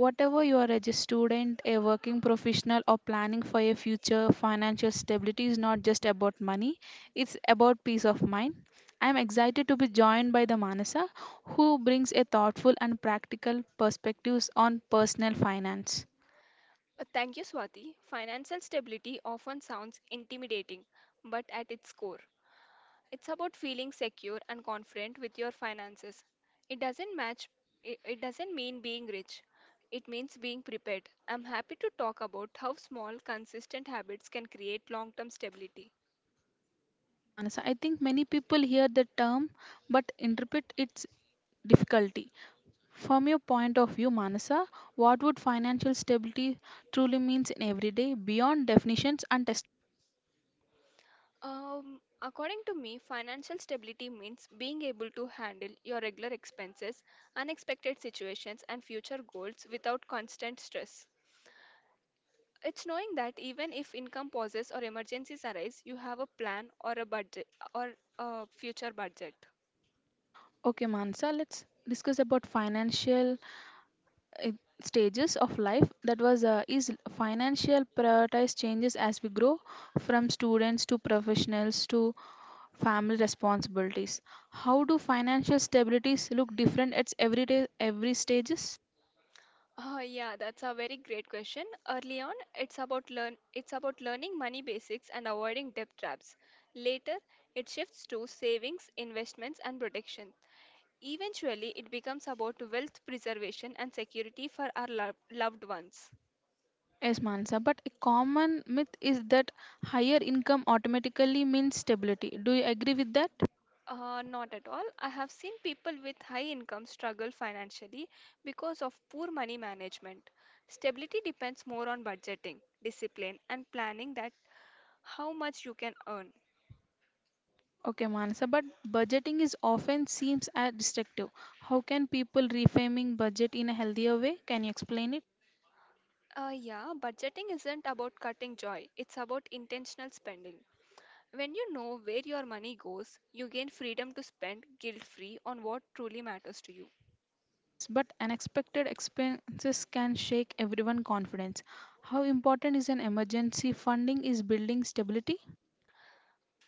Whatever you are as a student, a working professional or planning for a future, financial stability is not just about money, it's about peace of mind. I am excited to be joined by the Manasa who brings a thoughtful and practical perspectives on personal finance. Thank you, Swati. Financial stability often sounds intimidating, but at its core, it's about feeling secure and confident with your finances. It doesn't match it doesn't mean being rich. It means being prepared. I'm happy to talk about how small, consistent habits can create long-term stability. Is Manasa. I think many people hear the term but interpret its difficulty. From your point of view, Manasa, what would financial stability truly means in everyday beyond definitions and test? According to me, financial stability means being able to handle your regular expenses, unexpected situations, and future goals without constant stress. It's knowing that even if income pauses or emergencies arise, you have a plan or a budget or a future budget. Okay, Manasa, let's discuss about financial uh, stages of life. That was is financial prioritized changes as we grow from students to professionals to family responsibilities. How do financial stabilities look different at every day, every stages? Yeah, that's a very great question. Early on, it's about learning money basics and avoiding debt traps. Later, it shifts to savings, investments, and protection. Eventually, it becomes about wealth preservation and security for our loved ones. Yes, Mansa, but a common myth is that higher income automatically means stability. Do you agree with that? Not at all. I have seen people with high income struggle financially because of poor money management. Stability depends more on budgeting, discipline, and planning that how much you can earn. Okay, Mansa, but budgeting is often seems as destructive. How can people reframing budget in a healthier way? Can you explain it? Yeah, budgeting isn't about cutting joy, it's about intentional spending. When you know where your money goes, you gain freedom to spend guilt free on what truly matters to you. Yes, but unexpected expenses can shake everyone confidence. How important is an emergency funding is building stability?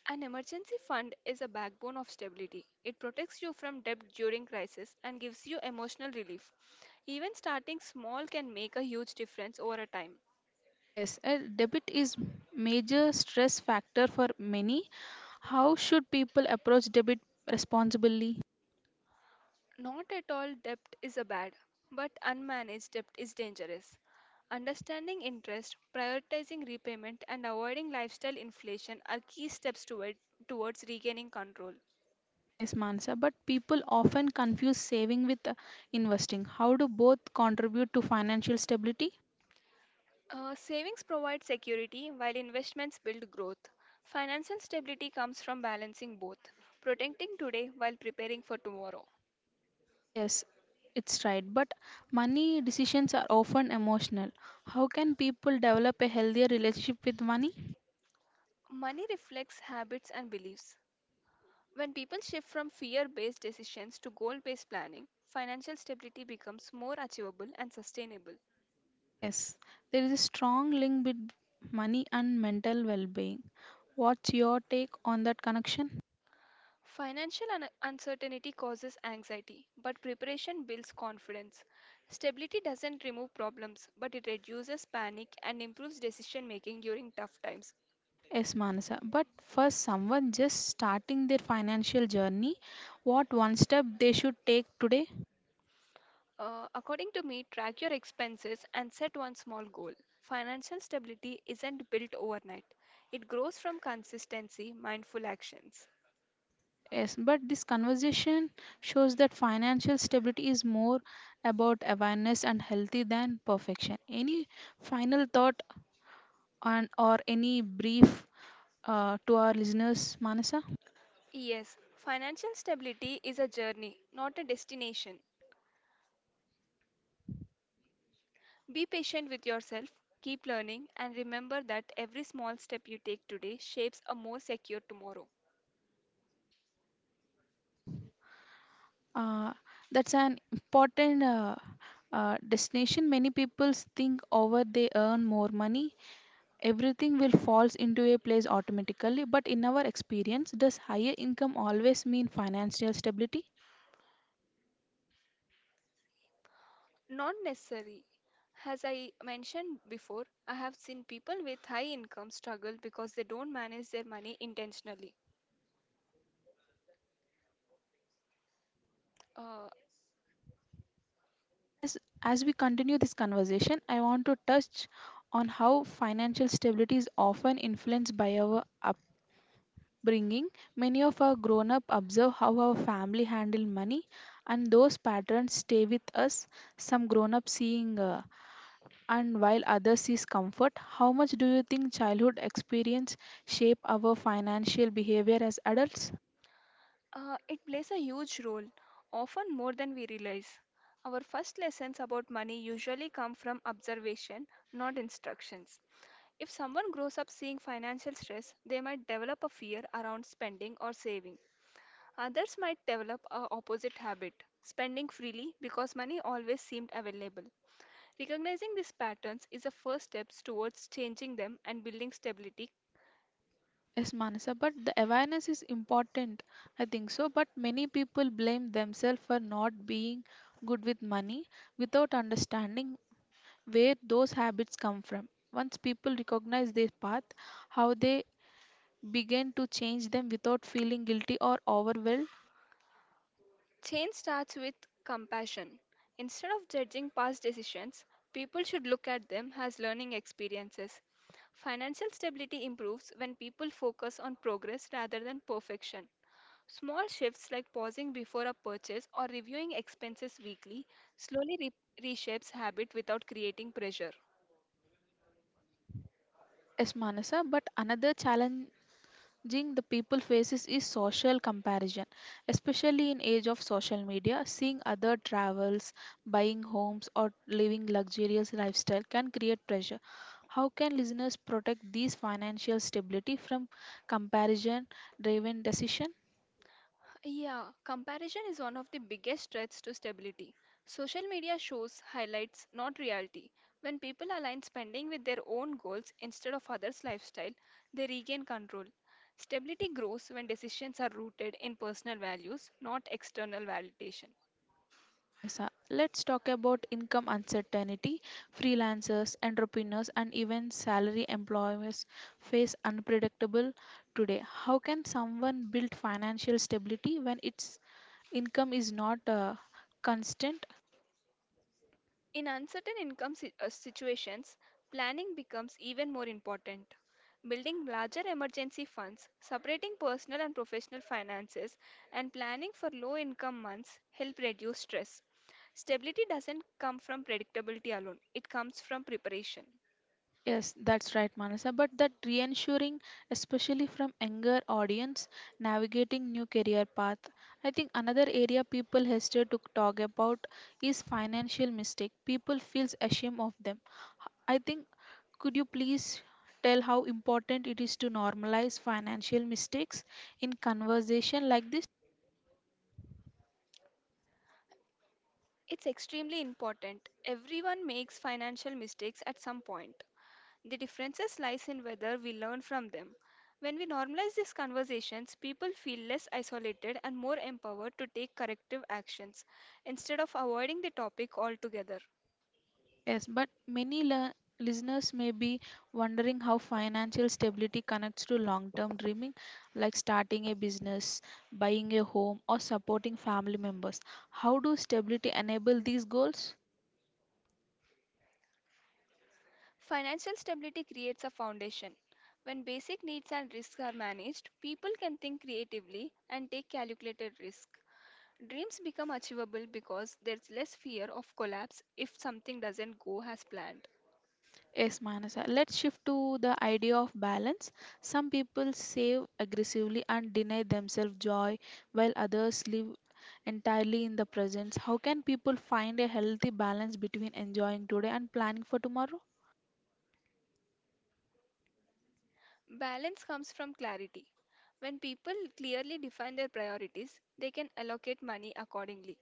An emergency fund is a backbone of stability. It protects you from debt during crisis and gives you emotional relief. Even starting small can make a huge difference over a time. Yes, a debit is major stress factor for many. How should people approach debit responsibly? Not at all debt is a bad, but unmanaged debt is dangerous. Understanding interest, prioritizing repayment, and avoiding lifestyle inflation are key steps towards regaining control. Yes, Mansa, but people often confuse saving with investing. How do both contribute to financial stability? Savings provide security while investments build growth. Financial stability comes from balancing both, protecting today while preparing for tomorrow. Yes, it's right, but money decisions are often emotional. How can people develop a healthier relationship with money? Money reflects habits and beliefs. When people shift from fear based decisions to goal based planning, financial stability becomes more achievable and sustainable. Yes, there is a strong link between money and mental well being. What's your take on that connection? Uncertainty causes anxiety, but preparation builds confidence. Stability doesn't remove problems, but it reduces panic and improves decision making during tough times. Yes, Manasa. But for someone just starting their financial journey, what one step they should take today? According to me, track your expenses and set one small goal. Financial stability isn't built overnight, it grows from consistency, mindful actions. Yes, but this conversation shows that financial stability is more about awareness and healthy than perfection. Any final thought on or any brief to our listeners, Manasa? Yes, financial stability is a journey, not a destination. Be patient with yourself, keep learning, and remember that every small step you take today shapes a more secure tomorrow. Uh, that's an important destination. Many people think over they earn more money, everything will falls into a place automatically. But in our experience, does higher income always mean financial stability? Not necessary. As I mentioned before, I have seen people with high income struggle because they don't manage their money intentionally. Uh, As as we continue this conversation, I want to touch on how financial stability is often influenced by our upbringing. Many of our grown up observe how our family handle money, and those patterns stay with us. Some grown up seeing, and while others sees comfort. How much do you think childhood experience shape our financial behavior as adults? It plays a huge role, often more than we realize. Our first lessons about money usually come from observation, not instructions. If someone grows up seeing financial stress, they might develop a fear around spending or saving. Others might develop a opposite habit, spending freely because money always seemed available. Recognizing these patterns is a first step towards changing them and building stability. Yes, Manasa, but the awareness is important. I think so. But many people blame themselves for not being good with money without understanding where those habits come from. Once people recognize their path, how they begin to change them without feeling guilty or overwhelmed. Change starts with compassion. Instead of judging past decisions, people should look at them as learning experiences. Financial stability improves when people focus on progress rather than perfection. Small shifts like pausing before a purchase or reviewing expenses weekly slowly reshapes habit without creating pressure. Yes, Manasa, but another challenge thing the people faces is social comparison, especially in age of social media. Seeing other travels, buying homes or living luxurious lifestyle can create pressure. How can listeners protect these financial stability from comparison driven decision? Yeah, comparison is one of the biggest threats to stability. Social media shows highlights, not reality. When people align spending with their own goals instead of others' lifestyle, they regain control. Stability grows when decisions are rooted in personal values, not external validation. Manasa, let's talk about income uncertainty. Freelancers, entrepreneurs and even salary employers face unpredictable today. How can someone build financial stability when it's income is not constant? In uncertain income situations, planning becomes even more important. Building larger emergency funds, separating personal and professional finances, and planning for low income months help reduce stress. Stability doesn't come from predictability alone, it comes from preparation. Yes, that's right, Manasa, but that reassuring, especially from younger audience navigating new career path. I think another area people hesitate to talk about is financial mistake. People feels ashamed of them, I think. Could you please tell how important it is to normalize financial mistakes in conversation like this? It's extremely important. Everyone makes financial mistakes at some point. The differences lies in whether we learn from them. When we normalize these conversations, people feel less isolated and more empowered to take corrective actions instead of avoiding the topic altogether. Yes, but many listeners may be wondering how financial stability connects to long term dreaming, like starting a business, buying a home, or supporting family members. How do stability enable these goals? Financial stability creates a foundation. When basic needs and risks are managed, people can think creatively and take calculated risk. Dreams become achievable because there's less fear of collapse if something doesn't go as planned. Yes, Manasa. Let's shift to the idea of balance. Some people save aggressively and deny themselves joy, while others live entirely in the present. How can people find a healthy balance between enjoying today and planning for tomorrow? Balance comes from clarity. When people clearly define their priorities, they can allocate money accordingly.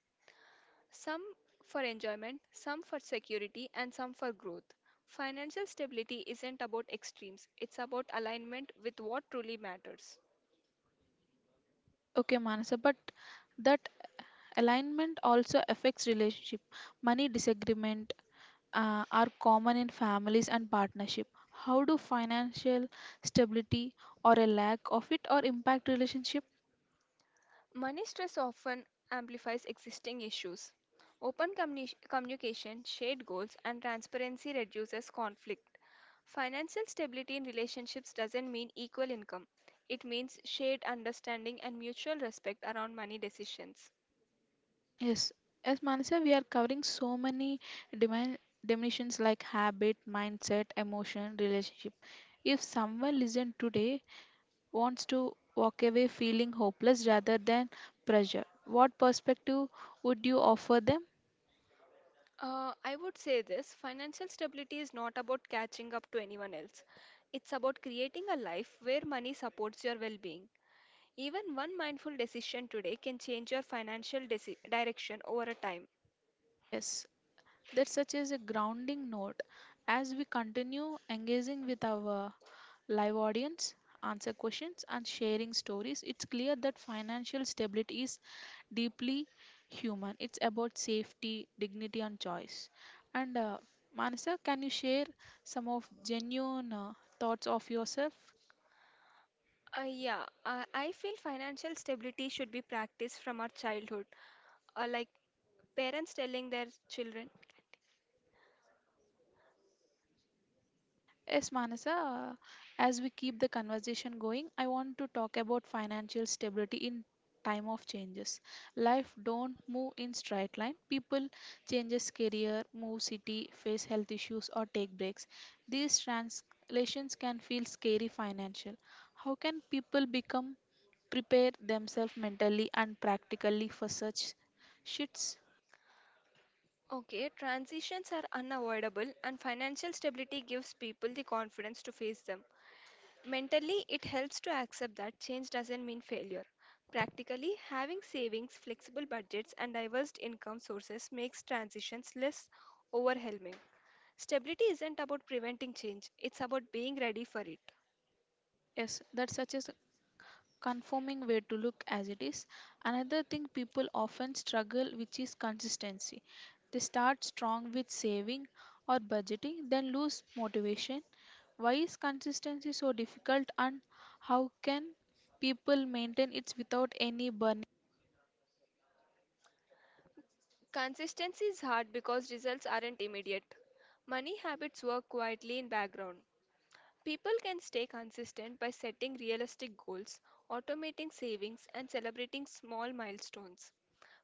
Some for enjoyment, some for security, and some for growth. Financial stability isn't about extremes, it's about alignment with what truly matters. Okay, Manasa, but that alignment also affects relationship. Money disagreement are common in families and partnership. How do financial stability or a lack of it or impact relationship? Money stress often amplifies existing issues. Open communication, shared goals, and transparency reduces conflict. Financial stability in relationships doesn't mean equal income. It means shared understanding and mutual respect around money decisions. Yes, as Manasa, we are covering so many dimen- dimensions like habit, mindset, emotion, relationship. If someone listened today wants to walk away feeling hopeless rather than pressure, what perspective would you offer them? I would say this financial stability is not about catching up to anyone else. It's about creating a life where money supports your well being. Even one mindful decision today can change your financial direction over a time. Yes, that such is a grounding note. As we continue engaging with our live audience, answer questions and sharing stories, it's clear that financial stability is deeply human. It's about safety, dignity and choice. And Manasa, can you share some of genuine thoughts of yourself? Yeah, I feel financial stability should be practiced from our childhood. Like parents telling their children. Yes, Manasa, as we keep the conversation going, I want to talk about financial stability in time of changes. Life don't move in straight line. People changes career, move city, face health issues or take breaks. These translations can feel scary financial. How can people become prepare themselves mentally and practically for such shifts? Okay, transitions are unavoidable, and financial stability gives people the confidence to face them. Mentally, it helps to accept that change doesn't mean failure. Practically, having savings, flexible budgets, and diverse income sources makes transitions less overwhelming. Stability isn't about preventing change, it's about being ready for it. Yes, that's such a conforming way to look as it is. Another thing people often struggle which is consistency. They start strong with saving or budgeting, then lose motivation. Why is consistency so difficult and how can people maintain it without any burning? Consistency is hard because results aren't immediate. Money habits work quietly in background. People can stay consistent by setting realistic goals, automating savings, and celebrating small milestones.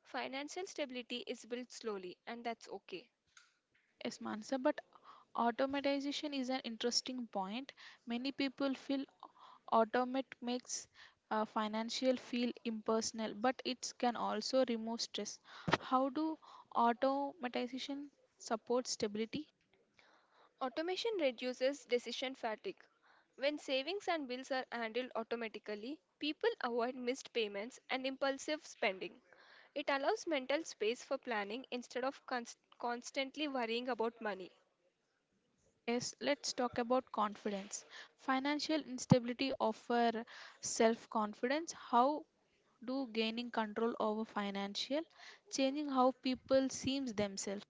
Financial stability is built slowly, and that's okay. Yes, Mansa, but automatization is an interesting point. Many people feel Automate makes financial feel impersonal, but it can also remove stress. How do automatization support stability? Automation reduces decision fatigue. When savings and bills are handled automatically, people avoid missed payments and impulsive spending. It allows mental space for planning instead of constantly worrying about money. Yes, let's talk about confidence. Financial instability offer self-confidence. How do gaining control over financial changing how people seems themselves?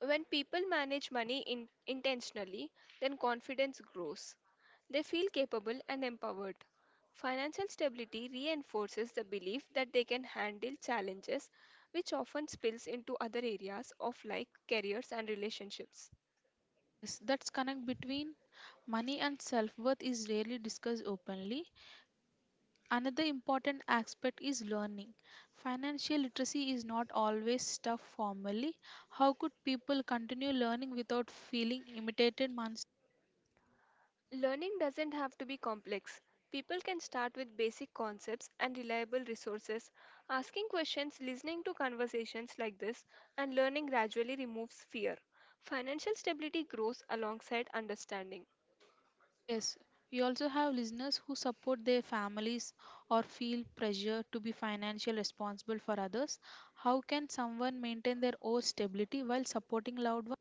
When people manage money in intentionally, then confidence grows. They feel capable and empowered. Financial stability reinforces the belief that they can handle challenges, which often spills into other areas of life, careers, and relationships. Yes, that's connect between money and self-worth is rarely discussed openly. Another important aspect is learning. Financial literacy is not always stuff formally. How could people continue learning without feeling imitated months? Learning doesn't have to be complex. People can start with basic concepts and reliable resources. Asking questions, listening to conversations like this, and learning gradually removes fear. Financial stability grows alongside understanding. Yes, we also have listeners who support their families or feel pressure to be financially responsible for others. How can someone maintain their own stability while supporting loved ones?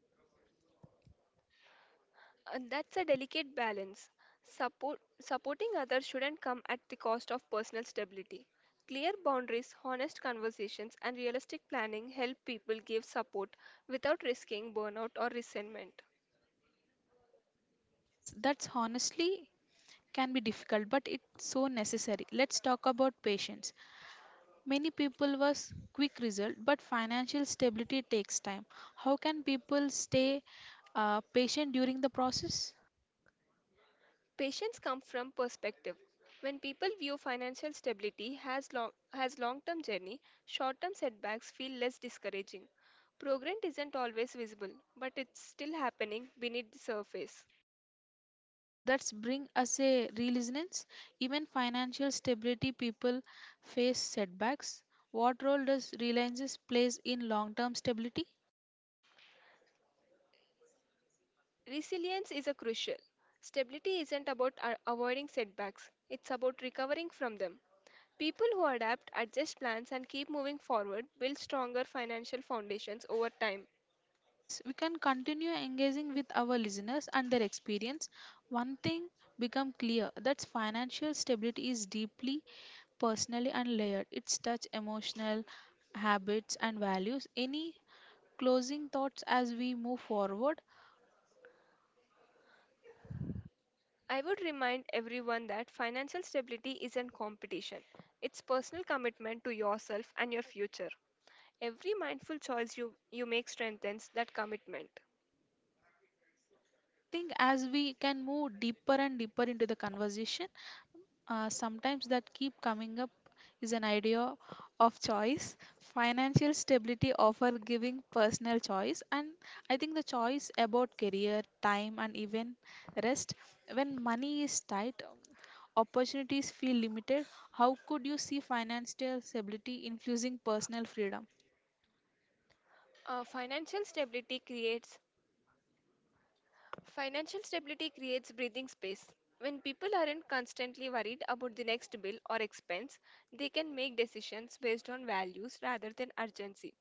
And that's a delicate balance. Supporting others shouldn't come at the cost of personal stability. Clear boundaries, honest conversations, and realistic planning help people give support without risking burnout or resentment. Yes, that's honestly can be difficult, but it's so necessary. Let's talk about patience. Many people was quick result, but financial stability takes time. How can people stay patient during the process? Patience comes from perspective. When people view financial stability as long-term journey, short-term setbacks feel less discouraging. Progress isn't always visible, but it's still happening beneath the surface. That's bring us a resilience. Even financial stability people face setbacks. What role does reliance plays in long-term stability? Resilience is a crucial. Stability isn't about avoiding setbacks, it's about recovering from them. People who adapt, adjust plans, and keep moving forward build stronger financial foundations over time. Yes, we can continue engaging with our listeners and their experience. One thing become clear that's financial stability is deeply personally and layered. It's touch emotional habits and values. Any closing thoughts as we move forward? I would remind everyone that financial stability isn't competition. It's personal commitment to yourself and your future. Every mindful choice you make strengthens that commitment. I think as we can move deeper and deeper into the conversation, sometimes that keep coming up is an idea of choice. Financial stability offer giving personal choice, and I think the choice about career, time, and even rest. When money is tight, opportunities feel limited, how could you see financial stability influencing personal freedom? Uh, financial stability creates financial stability creates breathing space. When people aren't constantly worried about the next bill or expense, they can make decisions based on values rather than urgency.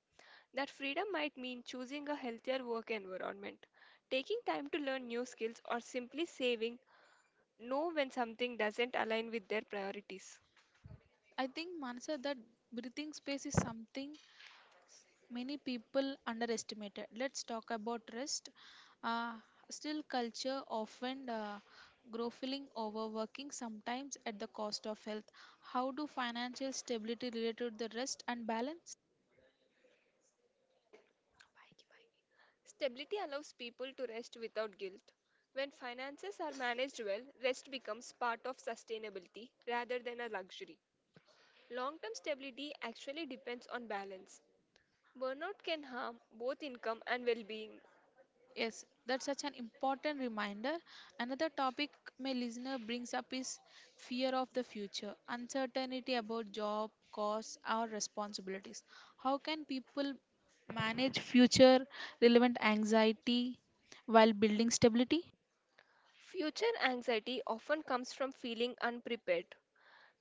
That freedom might mean choosing a healthier work environment, taking time to learn new skills, or simply saving know when something doesn't align with their priorities. Yes, I think Manasa that breathing space is something many people underestimate. Let's talk about rest. Uh, Still, culture often groveling overworking sometimes at the cost of health. How do financial stability relate to the rest and balance? Stability allows people to rest without guilt. When finances are managed well, rest becomes part of sustainability rather than a luxury. Long term stability actually depends on balance. Burnout can harm both income and well being. Yes, that's such an important reminder. Another topic my listener brings up is fear of the future, uncertainty about job, costs, or responsibilities. How can people manage future relevant anxiety while building stability? Future anxiety often comes from feeling unprepared.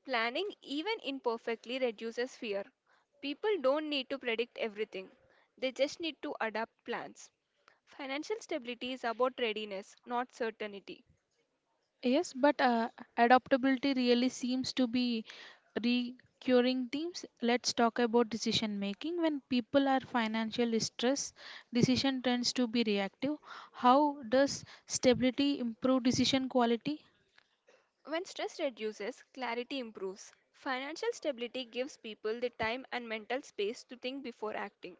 Planning, even imperfectly, reduces fear. People don't need to predict everything, they just need to adapt plans. Financial stability is about readiness, not certainty. Yes, but adaptability really seems to be recurring themes. Let's talk about decision making. When people are financially stressed, decision tends to be reactive. How does stability improve decision quality? When stress reduces, clarity improves. Financial stability gives people the time and mental space to think before acting.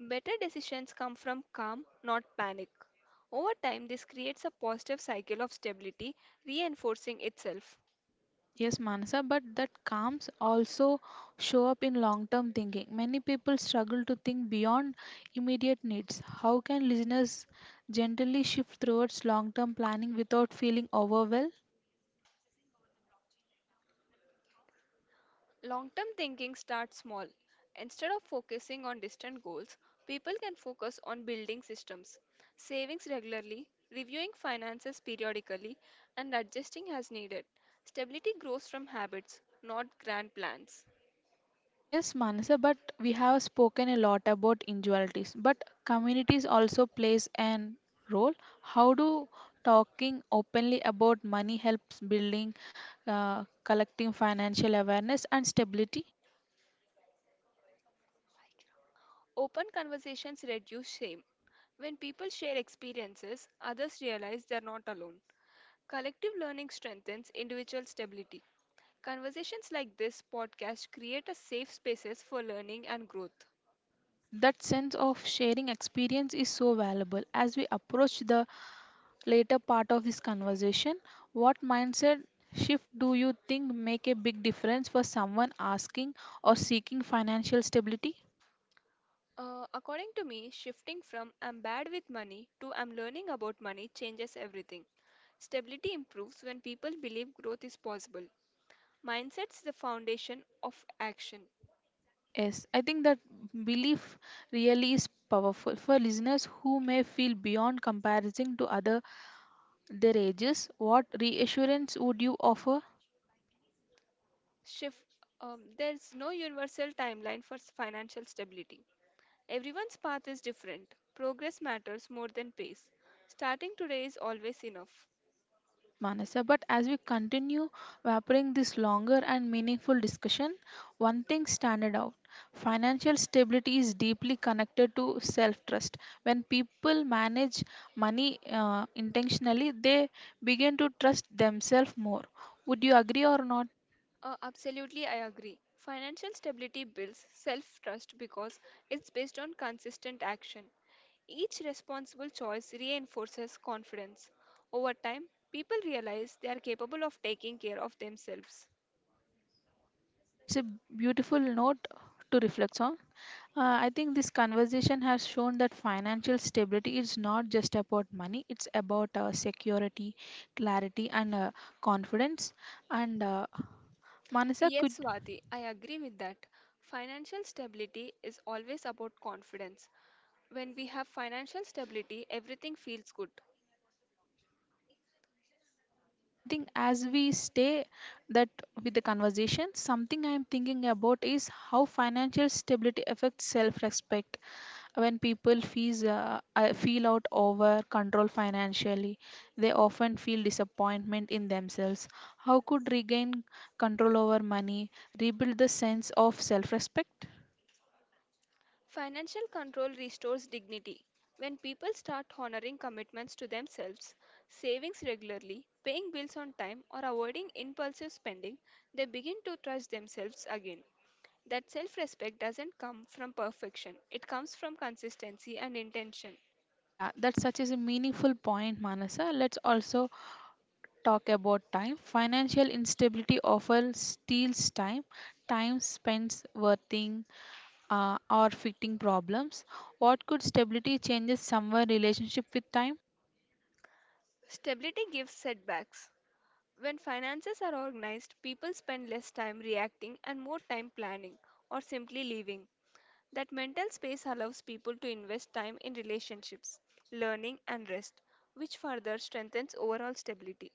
Better decisions come from calm, not panic. Over time, this creates a positive cycle of stability, reinforcing itself. Yes, Manasa, but that calms also show up in long term thinking. Many people struggle to think beyond immediate needs. How can listeners generally shift towards long term planning without feeling overwhelmed? Long term thinking starts small. Instead of focusing on distant goals, people can focus on building systems, savings regularly, reviewing finances periodically, and adjusting as needed. Stability grows from habits, not grand plans. Yes, Manasa, but we have spoken a lot about individualities, but communities also plays an role. How do talking openly about money helps building, collecting financial awareness and stability? Open conversations reduce shame. When people share experiences, others realize they are not alone. Collective learning strengthens individual stability. Conversations like this podcast create a safe spaces for learning and growth. Yes, that sense of sharing experience is so valuable. As we approach the later part of this conversation, what mindset shift do you think make a big difference for someone asking or seeking financial stability? According to me, shifting from I'm bad with money to I'm learning about money changes everything. Stability improves when people believe growth is possible. Mindset's the foundation of action. Yes, I think that belief really is powerful for listeners who may feel beyond comparison to other their ages. What reassurance would you offer? Shift. There's no universal timeline for financial stability. Everyone's path is different. Progress matters more than pace. Starting today is always enough. Yes, Manasa. But as we continue wrapping this longer and meaningful discussion, one thing stands out. Financial stability is deeply connected to self trust. When people manage money intentionally, they begin to trust themselves more. Would you agree or not? Absolutely, I agree. Financial stability builds self trust because it's based on consistent action. Each responsible choice reinforces confidence. Over time, people realize they are capable of taking care of themselves. That's a beautiful note to reflect on. I think this conversation has shown that financial stability is not just about money, it's about security, clarity, and confidence. And Manasa, could Yes, Swati, I agree with that. Financial stability is always about confidence. When we have financial stability, everything feels good. I think as we stay that with the conversation, something I'm thinking about is how financial stability affects self respect. When people fees, feel out over control financially, they often feel disappointment in themselves. How could regain control over money, rebuild the sense of self respect? Financial control restores dignity. When people start honoring commitments to themselves, savings regularly, paying bills on time, or avoiding impulsive spending, they begin to trust themselves again. That self respect doesn't come from perfection, it comes from consistency and intention. Yeah, that's such is a meaningful point, Manasa. Let's also talk about time. Financial instability often steals time, time spent worrying or fitting problems. What could stability changes someone relationship with time? Stability gives setbacks. When finances are organized, people spend less time reacting and more time planning or simply living. That mental space allows people to invest time in relationships, learning, and rest, which further strengthens overall stability.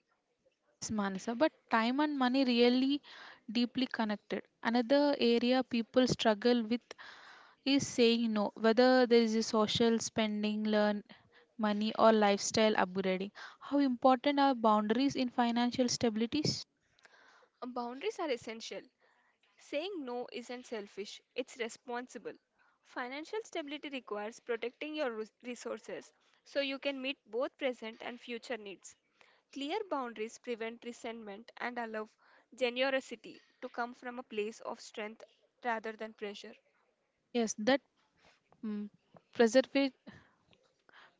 Yes, Manasa, but time and money really deeply connected. Another area people struggle with is saying no, whether there is a social spending, learn money, or lifestyle upgrading. How important are boundaries in financial stabilities? Boundaries are essential. Saying no isn't selfish, it's responsible. Financial stability requires protecting your resources so you can meet both present and future needs. Clear boundaries prevent resentment and allow generosity to come from a place of strength rather than pressure. Yes, that mm, preserve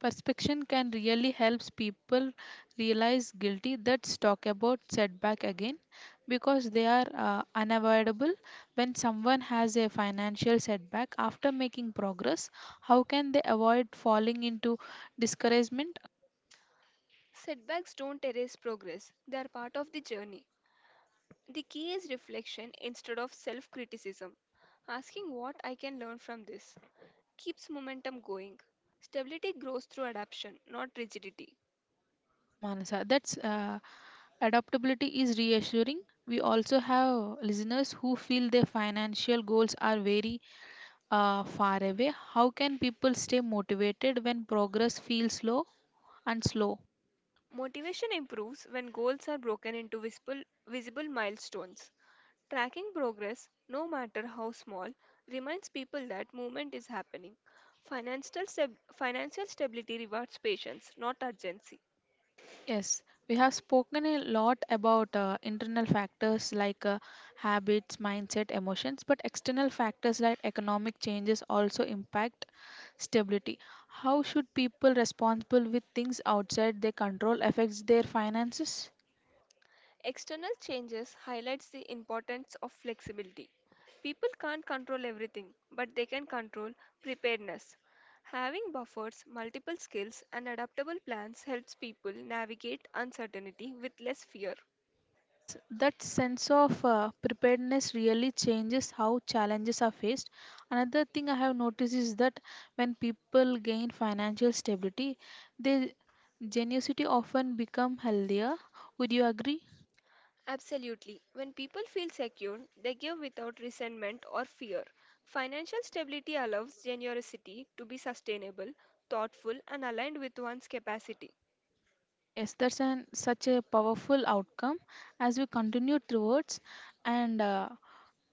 Perspection can really helps people realize guilty. Let's talk about setback again because they are unavoidable. When someone has a financial setback after making progress, how can they avoid falling into discouragement? Setbacks don't erase progress, they are part of the journey. The key is reflection instead of self criticism. Asking what I can learn from this keeps momentum going. Stability grows through adaptation, not rigidity. Yes, Manasa, that's adaptability is reassuring. We also have listeners who feel their financial goals are very far away. How can people stay motivated when progress feels slow and slow? Motivation improves when goals are broken into visible milestones. Tracking progress, no matter how small, reminds people that movement is happening. Financial stability rewards patience, not urgency. Yes, we have spoken a lot about internal factors like habits, mindset, emotions, but external factors like economic changes also impact stability. How should people responsible with things outside their control affects their finances? External changes highlights the importance of flexibility. People can't control everything, but they can control preparedness. Having buffers, multiple skills, and adaptable plans helps people navigate uncertainty with less fear. Yes, that sense of preparedness really changes how challenges are faced. Another thing I have noticed is that when people gain financial stability, their generosity often become healthier. Would you agree? Absolutely. When people feel secure, they give without resentment or fear. Financial stability allows generosity to be sustainable, thoughtful, and aligned with one's capacity. Yes, that's such a powerful outcome as we continue towards. And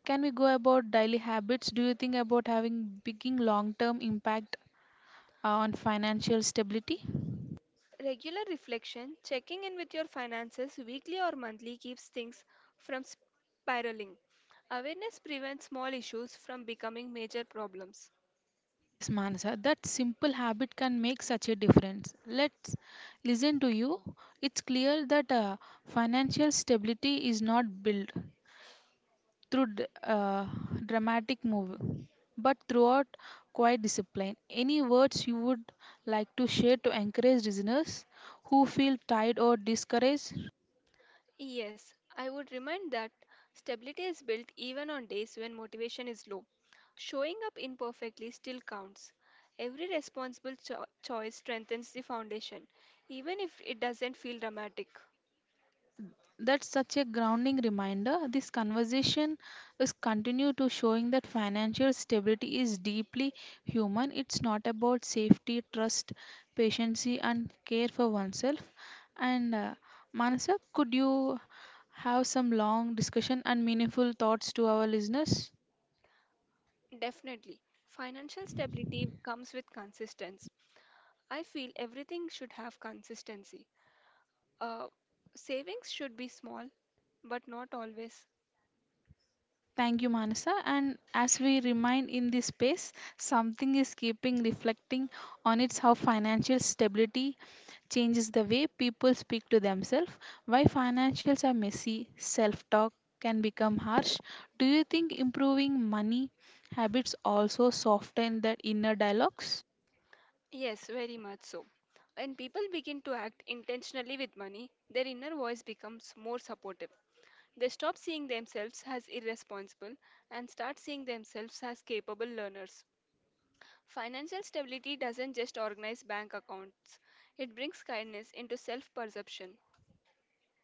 Can we go about daily habits? Do you think about having big long-term impact on financial stability? Regular reflection, checking in with your finances weekly or monthly keeps things from spiraling. Awareness prevents small issues from becoming major problems. Yes, Manasa, that simple habit can make such a difference. Let's listen to you. It's clear that financial stability is not built through dramatic move, but throughout quiet discipline. Any words you would like to share to encourage listeners who feel tired or discouraged? Yes, I would remind that stability is built even on days when motivation is low. Showing up imperfectly still counts. Every responsible choice strengthens the foundation, even if it doesn't feel dramatic. Yes, that's such a grounding reminder. This conversation is continue to showing that financial stability is deeply human. It's not about safety, trust, patience, and care for oneself. And Manasa, could you have some long discussion and meaningful thoughts to our listeners? Definitely. Financial stability comes with consistency. I feel everything should have consistency. Uh, Savings should be small, but not always. Thank you, Manasa. And as we remain in this space, something is keeping reflecting on its how financial stability changes the way people speak to themselves. Why financials are messy, self talk can become harsh. Do you think improving money habits also soften the inner dialogues? Yes, very much so. When people begin to act intentionally with money, their inner voice becomes more supportive. They stop seeing themselves as irresponsible and start seeing themselves as capable learners. Financial stability doesn't just organize bank accounts, it brings kindness into self perception.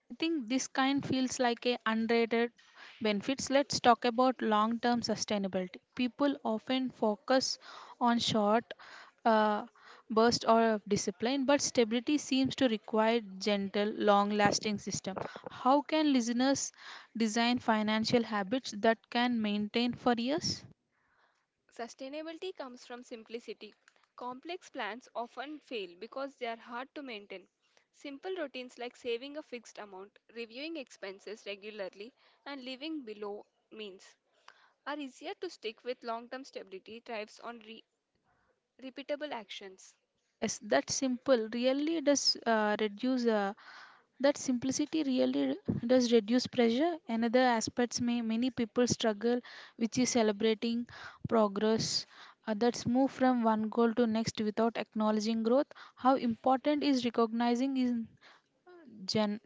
I think this kind feels like a unrated benefits. Let's talk about long-term sustainability. People often focus on short uh, burst or discipline, but stability seems to require gentle, long-lasting system. How can listeners design financial habits that can maintain for years? Sustainability comes from simplicity. Complex plans often fail because they are hard to maintain. Simple routines like saving a fixed amount, reviewing expenses regularly, and living below means are easier to stick with long-term stability thrives on repeatable actions. Yes, that's simple. Really does reduce that simplicity really does reduce pressure. Another aspects may many people struggle which is celebrating progress, that's move from one goal to next without acknowledging growth. How important is recognizing in gen-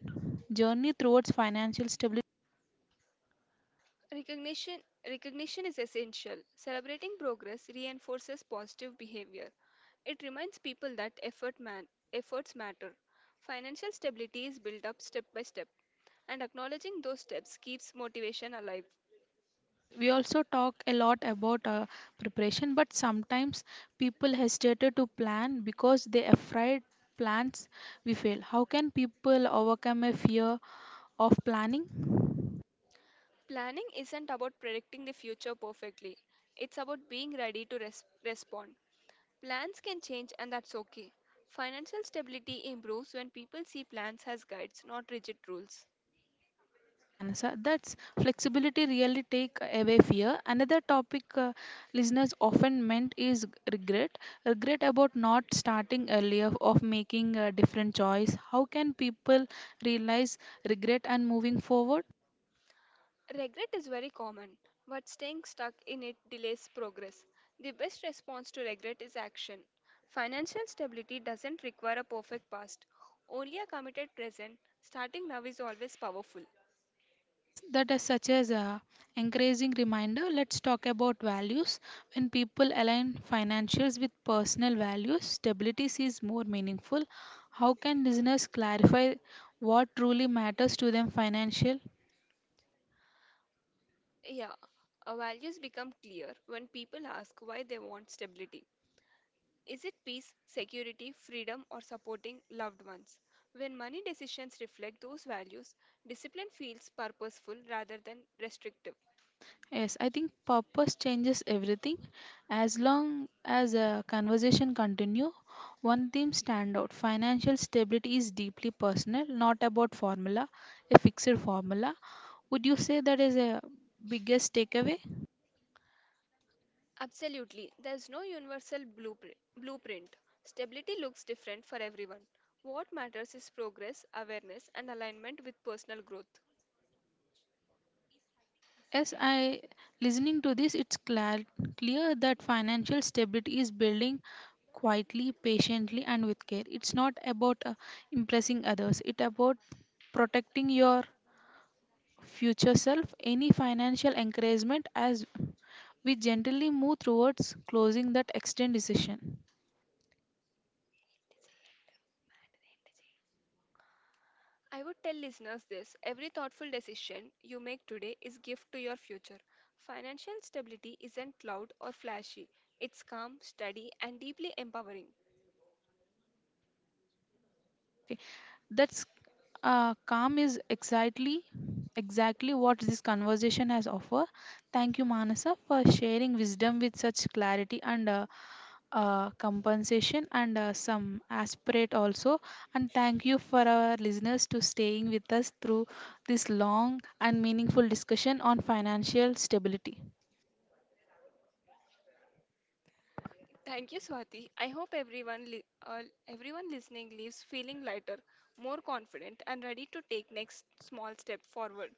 journey towards financial stability? Recognition Recognition is essential. Celebrating progress reinforces positive behavior. It reminds people that efforts matter. Financial stability is built up step by step, and acknowledging those steps keeps motivation alive. Yes, we also talk a lot about preparation, but sometimes people hesitate to plan because they afraid plans will fail. How can people overcome a fear of planning? Planning isn't about predicting the future perfectly, it's about being ready to respond. Plans can change, and that's okay. Financial stability improves when people see plans as guides, not rigid rules. Manasa, that's flexibility really take away fear. Another topic, listeners often meant is regret. Regret about not starting earlier, of making a different choice. How can people realize regret and moving forward? Regret is very common, but staying stuck in it delays progress. The best response to regret is action. Financial stability doesn't require a perfect past, only a committed present. Starting now is always powerful. Yes, that is such as a encouraging reminder. Let's talk about values. When people align financials with personal values, stability is more meaningful. How can listeners clarify what truly matters to them financial? Yeah, our values become clear when people ask why they want stability. Is it peace, security, freedom, or supporting loved ones? When money decisions reflect those values, discipline feels purposeful rather than restrictive. Yes, I think purpose changes everything. As long as a conversation continue, one theme stand out. Financial stability is deeply personal, not about formula, a fixed formula. Would you say that is a biggest takeaway? Absolutely, there's no universal blueprint. Stability looks different for everyone. What matters is progress, awareness, and alignment with personal growth. Yes, I listening to this, clear that financial stability is building quietly, patiently, and with care. It's not about impressing others. It's about protecting your future self. Any financial encouragement as we generally move towards closing that extend decision? I would tell listeners this every thoughtful decision you make today is gift to your future. Financial stability isn't loud or flashy. It's calm, steady and deeply empowering. Okay, that's calm is exactly what this conversation has offered. Thank you, Manasa, for sharing wisdom with such clarity and compensation and some aspirate also. And thank you for our listeners to staying with us through this long and meaningful discussion on financial stability. Thank you, Swati. I hope everyone listening leaves feeling lighter, more confident and ready to take next small step forward.